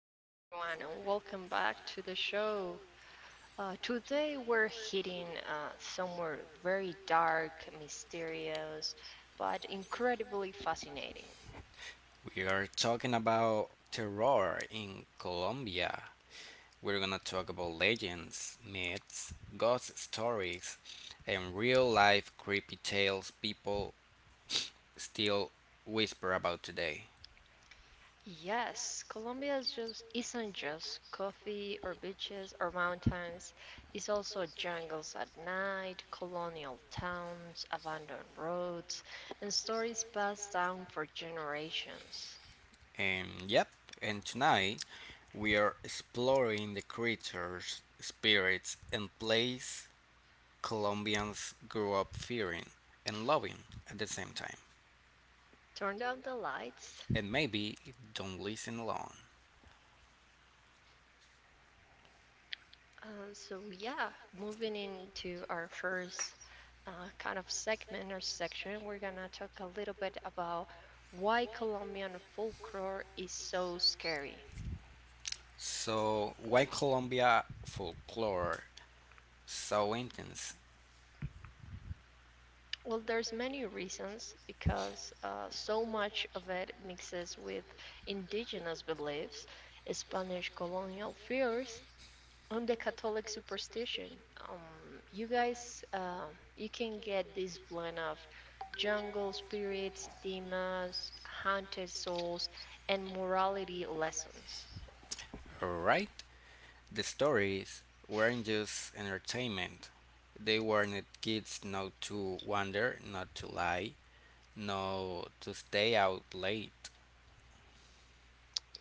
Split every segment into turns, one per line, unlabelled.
hello everyone, and welcome back to the show. Today we're hitting somewhere very dark, mysterious, but incredibly fascinating.
We are talking about terror in Colombia. We're gonna talk about legends, myths, ghost stories, and real life creepy tales people still whisper about today.
Yes, Colombia is just, isn't just coffee or beaches or mountains, it's also jungles at night, colonial towns, abandoned roads, and stories passed down for generations.
And yep, and tonight we are exploring the creatures, spirits, and place Colombians grew up fearing and loving at the same time.
Turn down the lights.
And maybe don't listen alone.
So yeah, moving into our first kind of segment or section, we're gonna talk a little bit about why Colombian folklore is so scary.
So why Colombia folklore so intense,
Well, there's many reasons because so much of it mixes with indigenous beliefs, Spanish colonial fears, on the Catholic superstition. You guys, you can get this blend of jungle spirits, demons, haunted souls, and morality lessons.
right? The stories weren't just entertainment. They warned kids not to wander, not to lie, not to stay out late.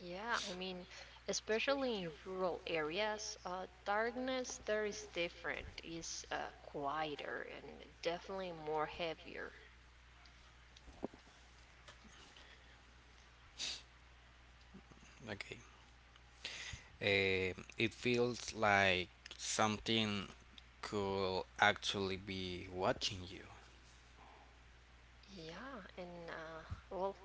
Yeah, I mean, especially in rural areas, darkness there is different, is quieter and definitely more heavier.
Okay. It feels like something could actually be watching you.
Yeah, and well,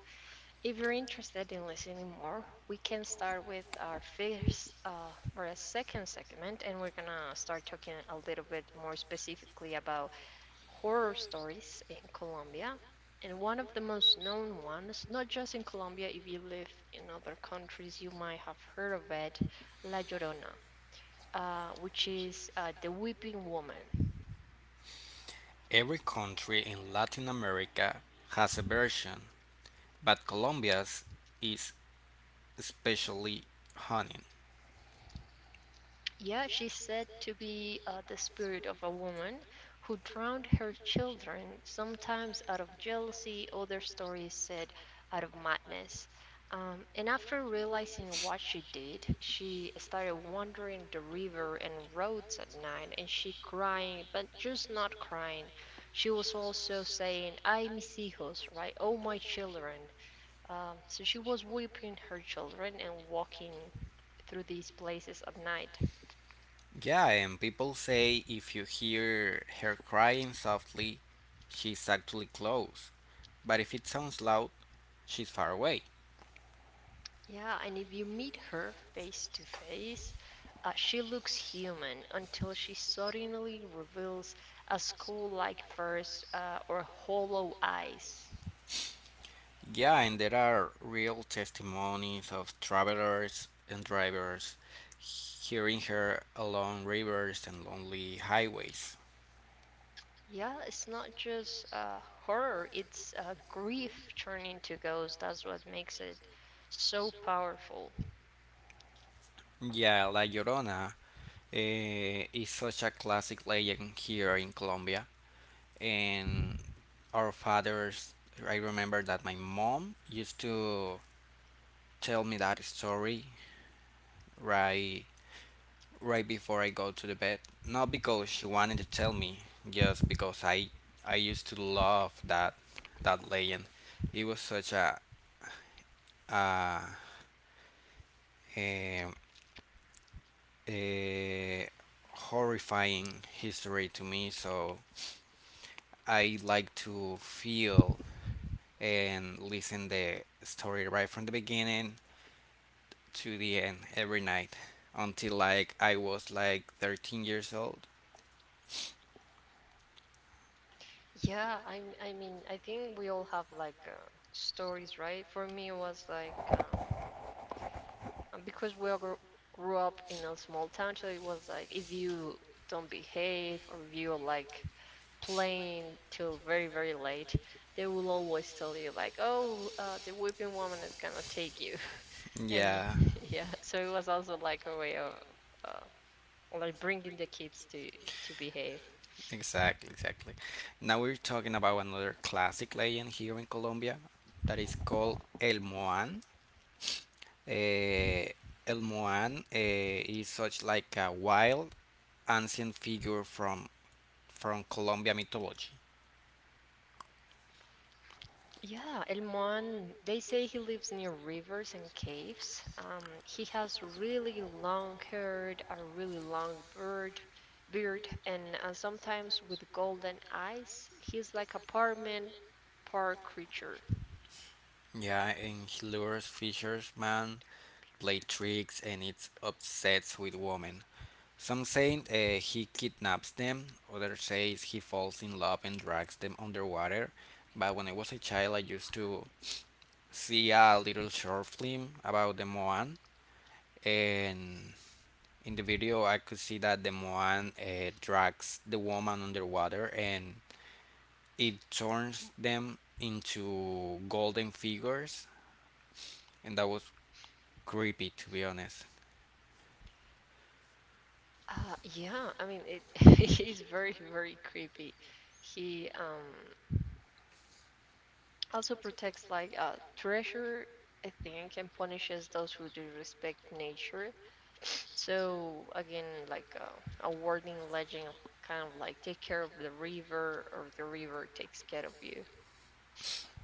if you're interested in listening more, we can start with our first or a second segment, and we're gonna start talking a little bit more specifically about horror stories in Colombia. And one of the most known ones, not just in Colombia, if you live in other countries, you might have heard of it, La Llorona, which is the Weeping Woman.
Every country in Latin America has a version, but Colombia's is especially honey.
Yeah, she's said to be the spirit of a woman who drowned her children, sometimes out of jealousy, other stories said out of madness. And after realizing what she did, she started wandering the river and roads at night, and she crying, but just not crying. She was also saying, "Ay, mis hijos," right? Oh, my children. So she was weeping her children and walking through these places at night.
Yeah, and people say if you hear her crying softly, she's actually close. But if it sounds loud, she's far away.
Yeah, and if you meet her face to face, she looks human until she suddenly reveals a skull like face or hollow eyes.
Yeah, and there are real testimonies of travelers and drivers hearing her along rivers and lonely highways.
Yeah, it's not just horror, it's grief turning to ghost. That's what makes it so powerful.
Yeah, La Llorona is such a classic legend here in Colombia, and our fathers. I remember that my mom used to tell me that story, right right before I go to the bed, not because she wanted to tell me, just because I used to love that legend. It was such uh, um, a horrifying history to me, so I like to feel and listen the story right from the beginning to the end every night until like I was like 13 years old.
Yeah, I mean, I think we all have like stories, right? For me, it was like and because grew up in a small town, so it was like if you don't behave or if you're like playing till very very late, they will always tell you like, oh, the whipping woman is gonna take you, and
Yeah,
yeah, so it was also like a way of uh, like bringing the kids to behave.
exactly. Now we're talking about another classic legend here in Colombia that is called El Moan. Eh, El Moan is such like a wild ancient figure from Colombia mythology.
Yeah, El Moan, they say he lives near rivers and caves. He has really long hair, a really long beard, and sometimes with golden eyes. He's like apartment park creature.
Yeah, and he lures fishermen, play tricks, and it's obsessed with women. Some say he kidnaps them, others say he falls in love and drags them underwater. But when I was a child, I used to see a little short film about the Moan, and in the video, I could see that the Moan drags the woman underwater and it turns them into golden figures, and that was creepy to be honest.
Yeah, I mean it. He's very, very creepy. He also protects like treasure, I think, and punishes those who disrespect nature. So again, like a warning legend, kind of like take care of the river, or the river takes care of you.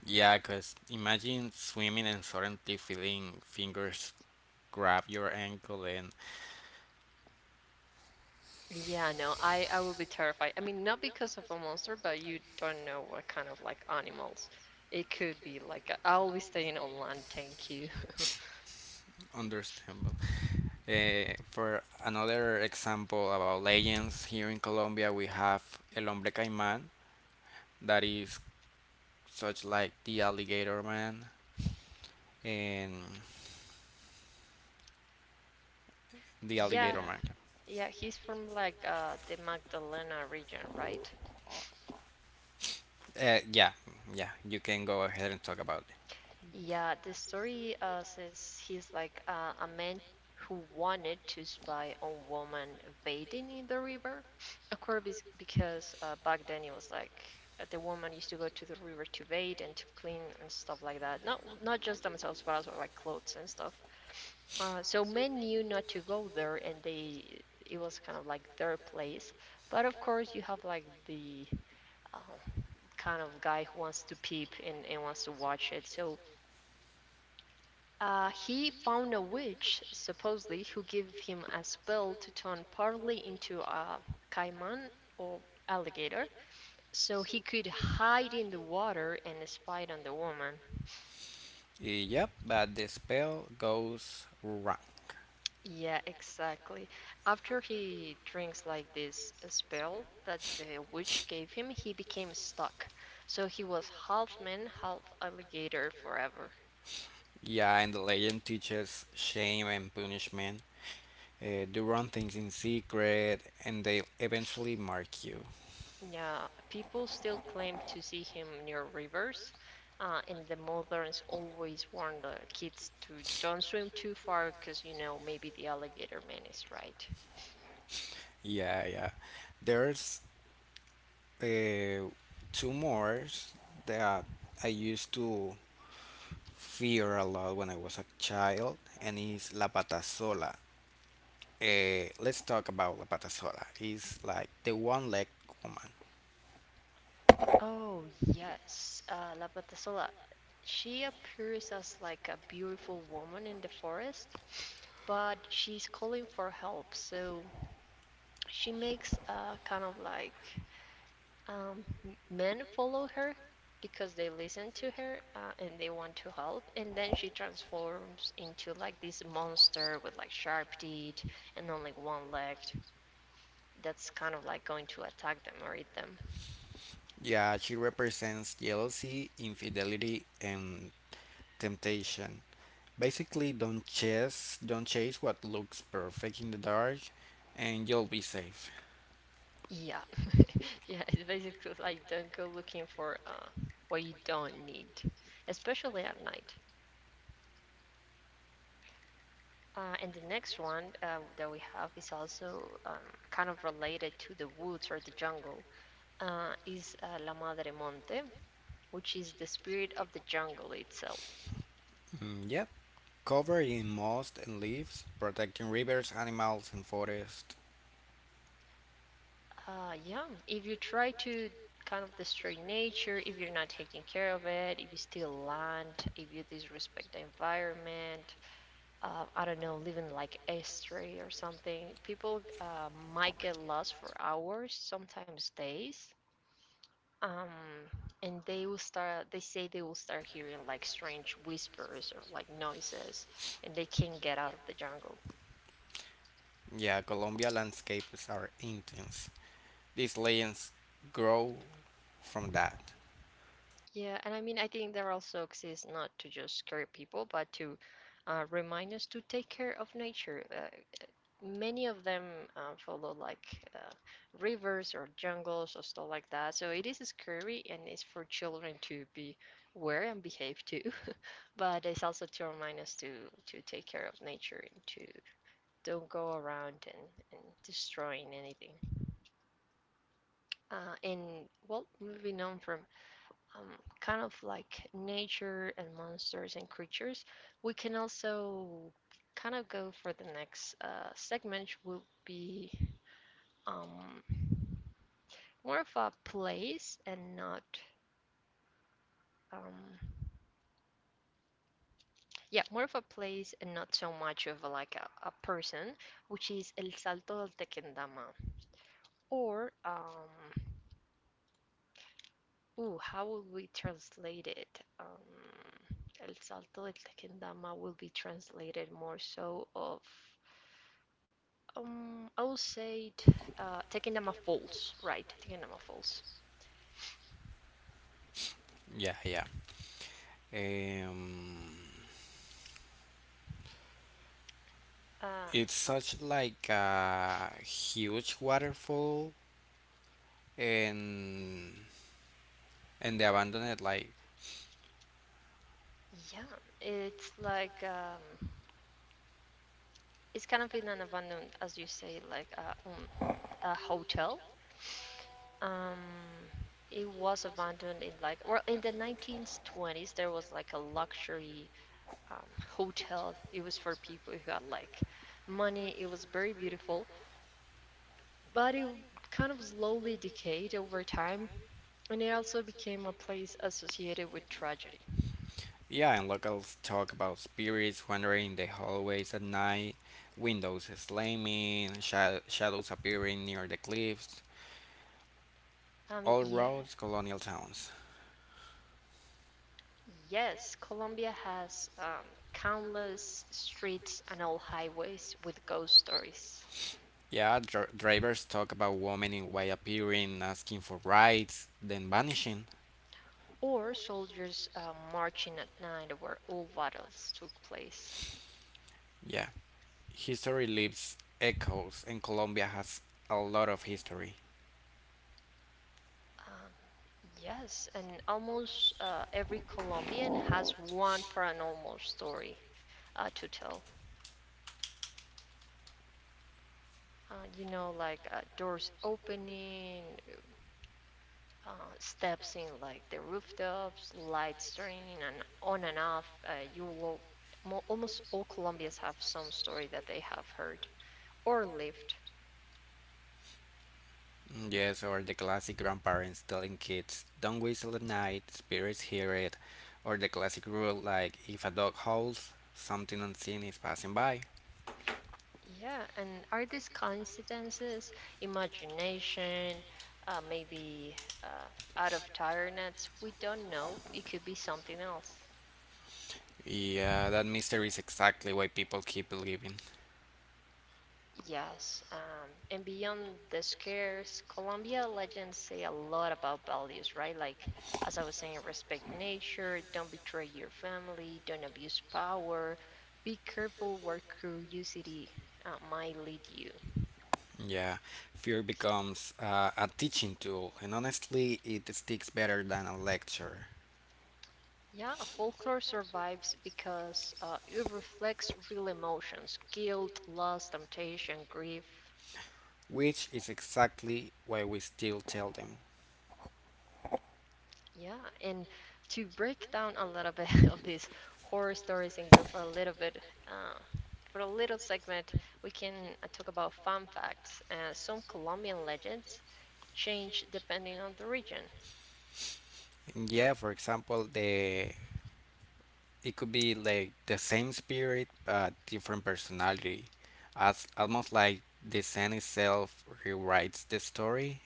Yeah, because imagine swimming and suddenly feeling fingers grab your ankle and
Yeah, no, I would be terrified. I mean, not because of a monster, but you don't know what kind of like animals. It could be like I'll be staying on land, thank you.
understandable. Eh, for another example about legends, here in Colombia we have El Hombre Caimán, that is such like the Alligator Man and the Alligator
Yeah,
Man.
yeah, he's from like the Magdalena region, right?
Yeah, yeah, you can go ahead and talk about
Yeah, the story says he's like a man who wanted to spy on women bathing in the river. Of course, because back then it was like the woman used to go to the river to bathe and to clean and stuff like that. Not just themselves, but also like clothes and stuff. So men knew not to go there, and they it was kind of like their place. But of course, you have like the uh, kind of guy who wants to peep and wants to watch it. So he found a witch, supposedly, who gave him a spell to turn partly into a caiman or alligator, so he could hide in the water and spy on the woman.
it. Yep, but the spell goes wrong.
Yeah, exactly. After he drinks like this spell that the witch gave him, he became stuck. So he was half man, half alligator forever.
Yeah, and the legend teaches shame and punishment. Do wrong things in secret, and they eventually mark you.
Yeah, people still claim to see him near rivers, and the mothers always warn the kids to don't swim too far because, you know, maybe the alligator man is right.
Yeah, yeah. There's uh, two more that I used to fear a lot when I was a child, and it's La Patasola. Let's talk about La Patasola. It's like the one-legged woman.
Oh, yes, La Patasola. She appears as like a beautiful woman in the forest, but she's calling for help, so she makes a kind of like um, men follow her because they listen to her and they want to help and then she transforms into like this monster with like sharp teeth and only one leg that's kind of like going to attack them or eat them.
Yeah, she represents jealousy, infidelity, and temptation. Basically, don't chase what looks perfect in the dark, and you'll be safe.
Yeah. Yeah, it's basically like don't go looking for what you don't need, especially at night. And the next one that we have is also kind of related to the woods or the jungle. Uh, is La Madre Monte, which is the spirit of the jungle itself.
Mm, yep. Covered in moss and leaves, protecting rivers, animals, and forests.
Yeah, if you try to kind of destroy nature, if you're not taking care of it, if you steal land, if you disrespect the environment, I don't know, living like estuary or something, people might get lost for hours, sometimes days. Um, and they say they will start hearing like strange whispers or like noises, and they can't get out of the jungle.
Yeah, Colombia landscapes are intense. These legends grow from that.
Yeah, and I mean, I think there also exists not to just scare people, but to remind us to take care of nature. Many of them follow like uh, rivers or jungles or stuff like that. So it is scary and it's for children to be aware and behave too. But it's also to remind us to take care of nature and to don't go around and destroying anything. And well, moving on from um, kind of like nature and monsters and creatures, we can also kind of go for the next segment, which will be um, more of a place and not. Um, yeah, more of a place and not so much of a, like a person, which is El Salto del Tequendama. Or, ooh, how would we translate it? El Salto del Tequendama will be translated more so of I would say it, Tequendama Falls, right? Tequendama Falls.
Yeah, yeah. Um,
Uh,
it's such like a huge waterfall and and the abandoned like
yeah, it's like it's kind of in an abandoned, as you say, like a hotel. Um, it was abandoned in like well in the 1920s there was like a luxury hotel. It was for people who had like money. It was very beautiful, but it kind of slowly decayed over time, and it also became a place associated with tragedy.
yeah, and locals talk about spirits wandering the hallways at night, windows slamming, shadows appearing near the cliffs.
I mean,
All
yeah.
roads, colonial towns.
Yes, Colombia has countless streets and old highways with ghost stories,
Yeah, drivers talk about women in white appearing, asking for rides, then vanishing.
or soldiers marching at night where old battles took place.
Yeah, history leaves echoes, and Colombia has a lot of history.
Um, yes, and almost every Colombian has one paranormal story to tell. You know, like doors opening, uh, steps in like the rooftops, lights turning and on and off. Almost all Colombians have some story that they have heard or lived.
Mm, yes, or the classic grandparents telling kids, don't whistle at night, spirits hear it, or the classic rule like, if a dog howls, something unseen is passing by.
Yeah, and are these coincidences, imagination, maybe uh, out of tiredness? We don't know. It could be something else.
Yeah, that mystery is exactly why people keep believing.
Yes, and beyond the scares, Colombia legends say a lot about values, right? Like, as I was saying, respect nature, don't betray your family, don't abuse power, be careful where curiosity might lead you.
Yeah, fear becomes a teaching tool, and honestly, it sticks better than a lecture,
Yeah, folklore survives because it reflects real emotions, guilt, loss, temptation, grief.
which is exactly why we still tell them.
Yeah, and to break down a little bit of these horror stories and go for a little bit, uh, for a little segment, we can talk about fun facts. Some Colombian legends change depending on the region.
Yeah, for example, the it could be like the same spirit but different personality, as almost like the scene itself rewrites the story,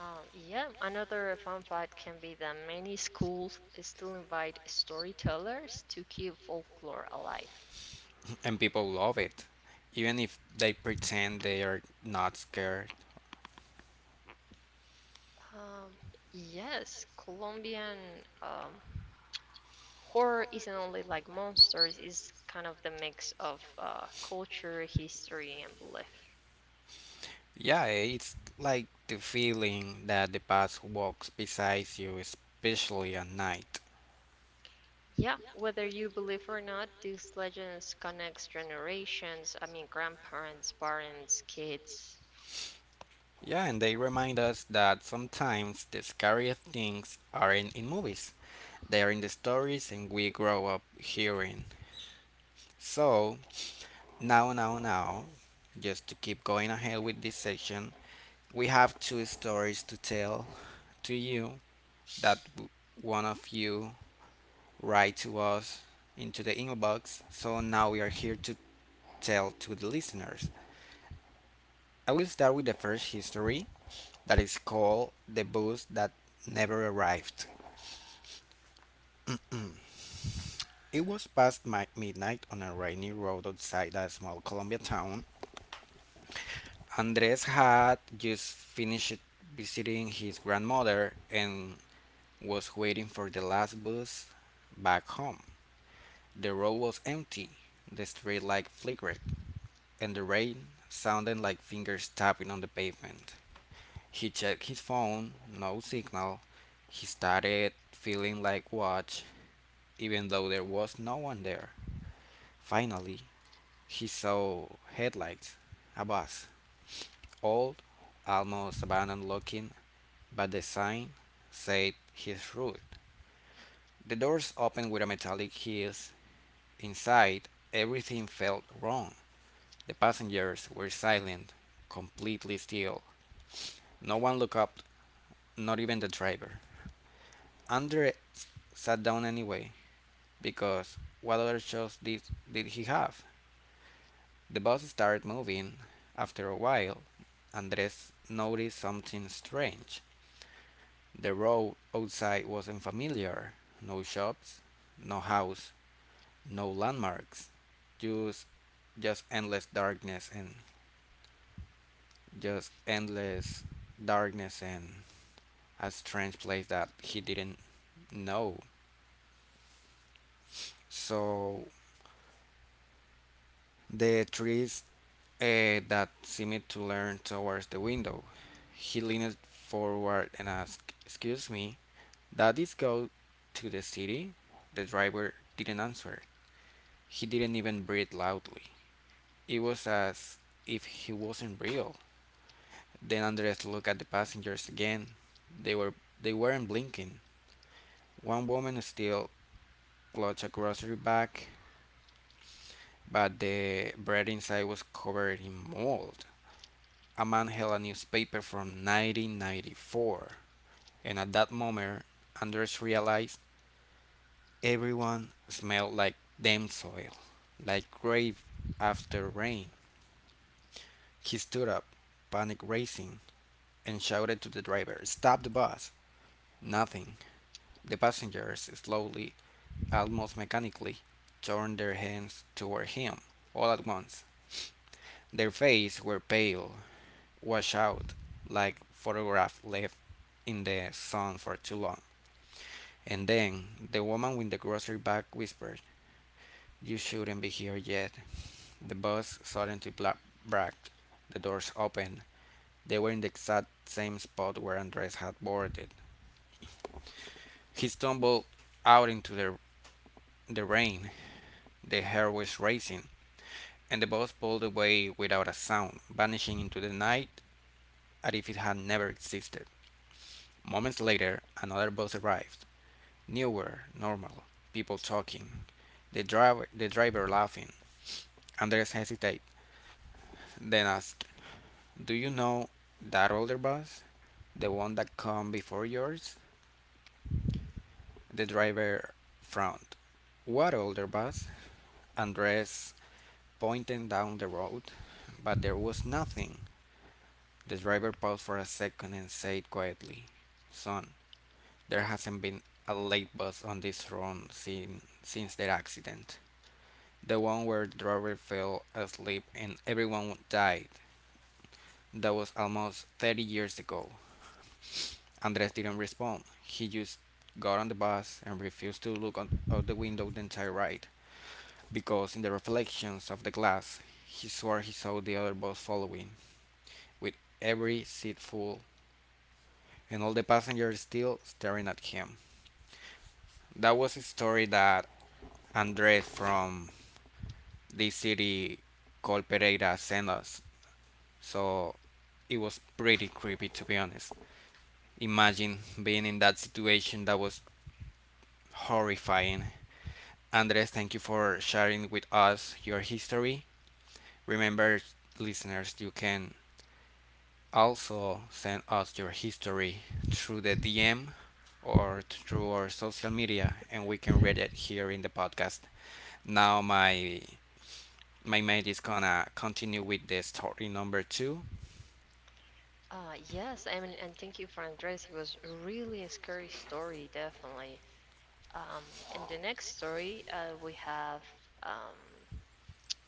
Yeah, another fun fact can be that many schools still invite storytellers to keep folklore alive.
and people love it, even if they pretend they are not scared.
Um, yes, Colombian. Um, Horror isn't only like monsters, it's kind of the mix of culture, history, and belief.
Yeah, it's like the feeling that the past walks beside you, especially at night.
Yeah, whether you believe or not, these legends connects generations, I mean grandparents, parents, kids.
Yeah, and they remind us that sometimes the scariest things aren't in movies, they are in the stories and we grow up hearing. So, now, just to keep going ahead with this section, we have two stories to tell to you that one of you write to us into the inbox. So now we are here to tell to the listeners. I will start with the first history that is called The Bus That Never Arrived. It was past midnight on a rainy road outside a small Colombia town. Andres had just finished visiting his grandmother and was waiting for the last bus back home. The road was empty, the street light flickered, and the rain sounded like fingers tapping on the pavement. He checked his phone, no signal. He started feeling like watch, even though there was no one there. Finally, he saw headlights, a bus, old, almost abandoned looking, but the sign said his route. The doors opened with a metallic hiss. Inside, everything felt wrong. The passengers were silent, completely still. No one looked up, not even the driver. Andre sat down anyway, because what other shows did he have? The bus started moving. After a while, Andres noticed something strange. The road outside was unfamiliar. No shops, no house, no landmarks. Just just endless darkness and just endless darkness and a strange place that he didn't know. So the trees that seemed to lean towards the window. He leaned forward and asked, "Excuse me, that is go to the city?" The driver didn't answer. He didn't even breathe loudly. It was as if he wasn't real. Then Andres looked at the passengers again. They were they weren't blinking. One woman still clutched a grocery bag, but the bread inside was covered in mold. A man held a newspaper from 1994, and at that moment Anders realized everyone smelled like damp soil, like grave after rain. He stood up, panic racing, and shouted to the driver, "Stop the bus!" Nothing. The passengers slowly, almost mechanically, turned their heads toward him all at once. Their faces were pale, washed out, like photographs left in the sun for too long. And then the woman with the grocery bag whispered, "You shouldn't be here yet," the boss suddenly bragged. The doors opened. They were in the exact same spot where Andres had boarded. He stumbled out into the rain. The hair was racing, and the boss pulled away without a sound, vanishing into the night as if it had never existed. Moments later, another bus arrived. Newer, normal, people talking, the driver laughing. Andres hesitated, then asked, "Do you know that older bus? The one that come before yours?" The driver frowned. "What older bus?" Andres pointed down the road. But there was nothing. The driver paused for a second and said quietly, "Son, there hasn't been a late bus on this run since their accident. The one where the driver fell asleep and everyone died. That was almost 30 years ago." Andres didn't respond. He just got on the bus and refused to look out the window the entire ride, because in the reflections of the glass, he swore he saw the other bus following, with every seat full, and all the passengers still staring at him. That was a story that Andres from this city called Pereira sent us, so it was pretty creepy to be honest. Imagine being in that situation, that was horrifying. Andres, thank you for sharing with us your history. Remember, listeners, you can also send us your history through the DM or through our social media and we can read it here in the podcast. Now my mate is gonna continue with the story number two.
Yes, I mean, and thank you for Andres. It was really a scary story, definitely. Um, in the next story, we have um,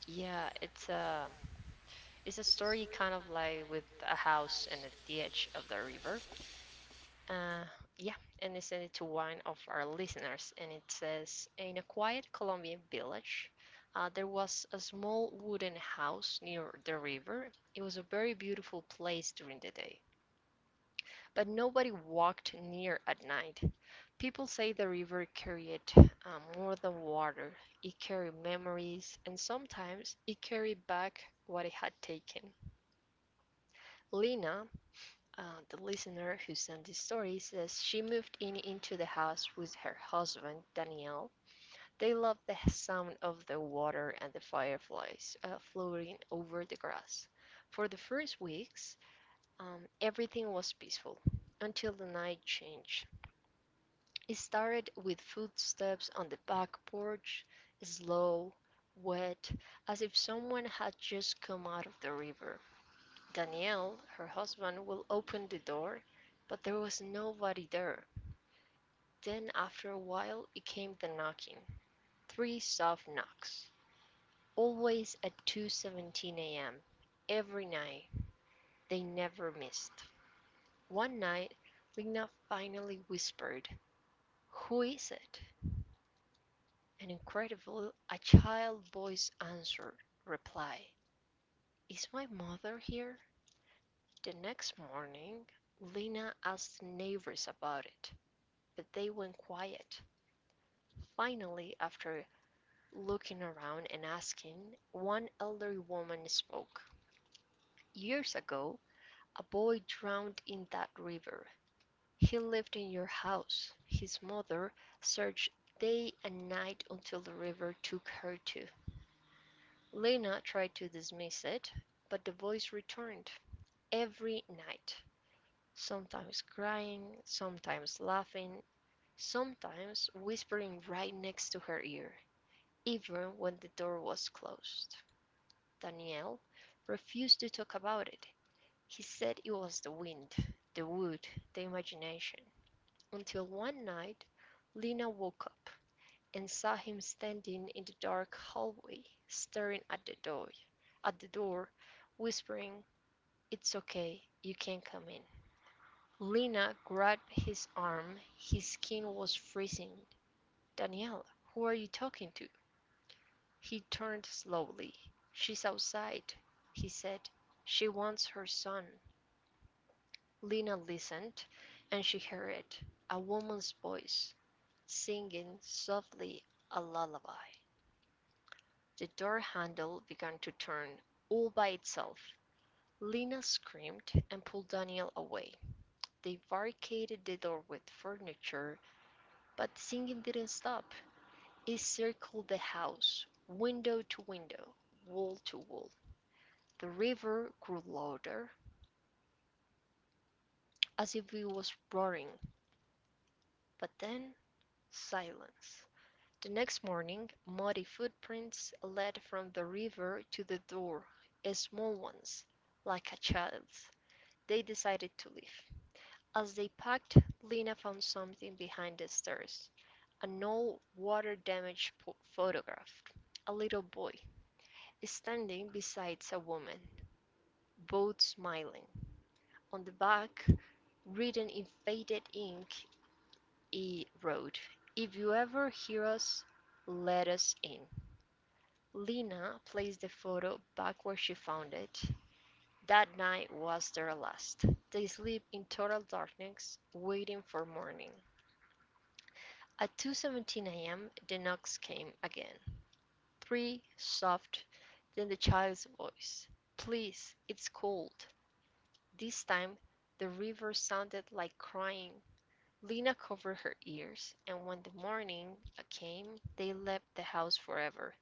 yeah, it's a story kind of like with a house and at the edge of the river. Uh, yeah, and they sent it to one of our listeners, and it says in a quiet Colombian village, there was a small wooden house near the river. It was a very beautiful place during the day, but nobody walked near at night. People say the river carried more than water, it carried memories, and sometimes it carried back what it had taken. Lina, Uh, the listener who sent this story says she moved in into the house with her husband, Daniel. They loved the sound of the water and the fireflies floating over the grass. For the first weeks, everything was peaceful until the night changed. It started with footsteps on the back porch, slow, wet, as if someone had just come out of the river. Danielle, her husband, will open the door, but there was nobody there. Then after a while it came the knocking, three soft knocks, always at 2:17 a.m. every night. They never missed. One night Lena finally whispered, "Who is it?" And incredible, a child voice answered, reply, "Is my mother here?" The next morning Lena asked neighbors about it, but they went quiet. Finally, after looking around and asking, one elderly woman spoke. Years ago, a boy drowned in that river. He lived in your house. His mother searched day and night until the river took her to. Lena tried to dismiss it, but the voice returned every night, sometimes crying, sometimes laughing, sometimes whispering right next to her ear. Even when the door was closed, Daniel refused to talk about it. He said it was the wind, the wood, the imagination, until one night Lena woke up and saw him standing in the dark hallway, staring at the door, at the door, whispering, "It's okay, you can come in." Lena grabbed his arm. His skin was freezing. "Daniel, who are you talking to?" He turned slowly. "She's outside," he said. "She wants her son." Lena listened, and she heard it, a woman's voice singing softly a lullaby. The door handle began to turn all by itself. Lena screamed and pulled Daniel away. They barricaded the door with furniture, but the singing didn't stop. It circled the house, window to window, wall to wall. The river grew louder, as if it was roaring. But then silence. The next morning muddy footprints led from the river to the door, small ones, like a child's. They decided to leave. As they packed, Lena found something behind the stairs, an old water damaged photograph. A little boy standing beside a woman, both smiling. On the back, written in faded ink, E wrote, "If you ever hear us, let us in." Lena placed the photo back where she found it. That night was their last. They sleep in total darkness, waiting for morning. At 2:17 a.m., the knocks came again. Three soft, then the child's voice. "Please, it's cold." This time the river sounded like crying. Lena covered her ears, and when the morning came they left the house forever.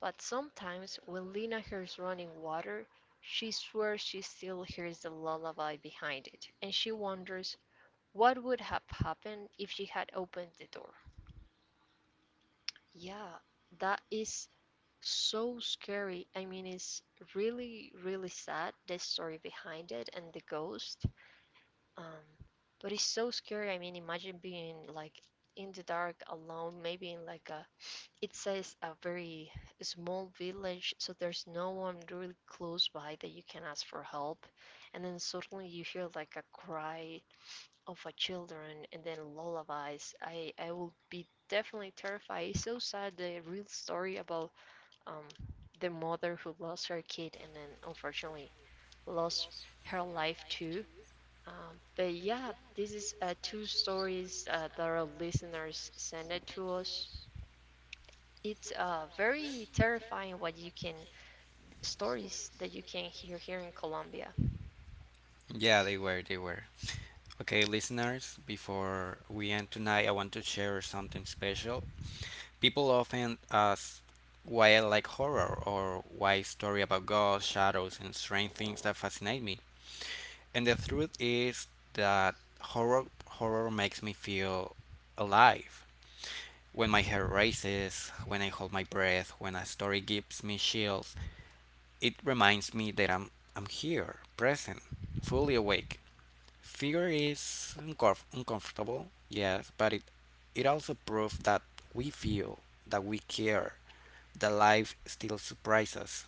But sometimes when Lena hears running water she swears she still hears the lullaby behind it, and she wonders what would have happened if she had opened the door. Yeah, that is so scary. I mean, it's really, really sad, the story behind it and the ghost. Um, but it's so scary. I mean, imagine being like in the dark alone, maybe in like a, it says a very small village, so there's no one really close by that you can ask for help. And then suddenly you hear like a cry of a children and then lullabies. I will be definitely terrified. It's so sad, the real story about um, the mother who lost her kid and then unfortunately lost her life too. But yeah, this is two stories that our listeners sent it to us. It's very terrifying what you can stories that you can hear here in Colombia.
Yeah, they were, they were. Okay, listeners, before we end tonight, I want to share something special. People often ask why I like horror or why story about ghosts, shadows, and strange things that fascinate me. And the truth is that horror horror makes me feel alive. When my hair raises, when I hold my breath, when a story gives me chills, it reminds me that I'm here, present, fully awake. Fear is uncomfortable, yes, but it also proves that we feel, that we care, the life still surprises us.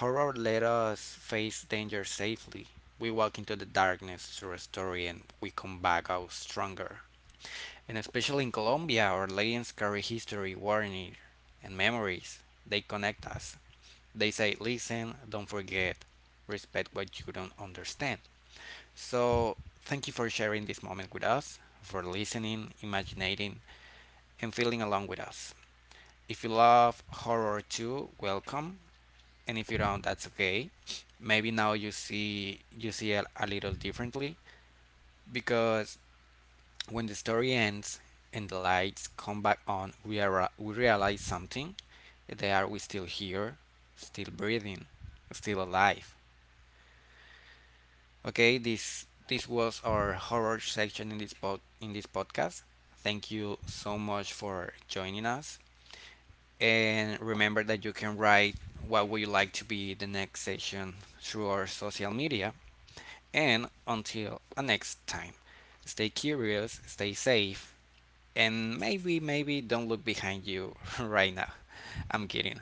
Horror let us face danger safely. We walk into the darkness through a story and we come back out stronger. And especially in Colombia, our legends carry history, warning, and memories. They connect us. They say, listen, don't forget, respect what you don't understand. So, thank you for sharing this moment with us, for listening, imaginating, and feeling along with us. If you love horror too, welcome. And if you don't, that's okay. Maybe now you see it a little differently, because when the story ends and the lights come back on, we realize something, that we still here, still breathing, still alive. Okay, this was our horror section in this podcast. Thank you so much for joining us, and remember that you can write what would you like to be the next session through our social media. And until the next time, stay curious, stay safe, and maybe don't look behind you right now. I'm kidding.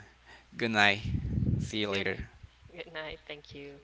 Good night. See you
Good
later.
good night. Thank you.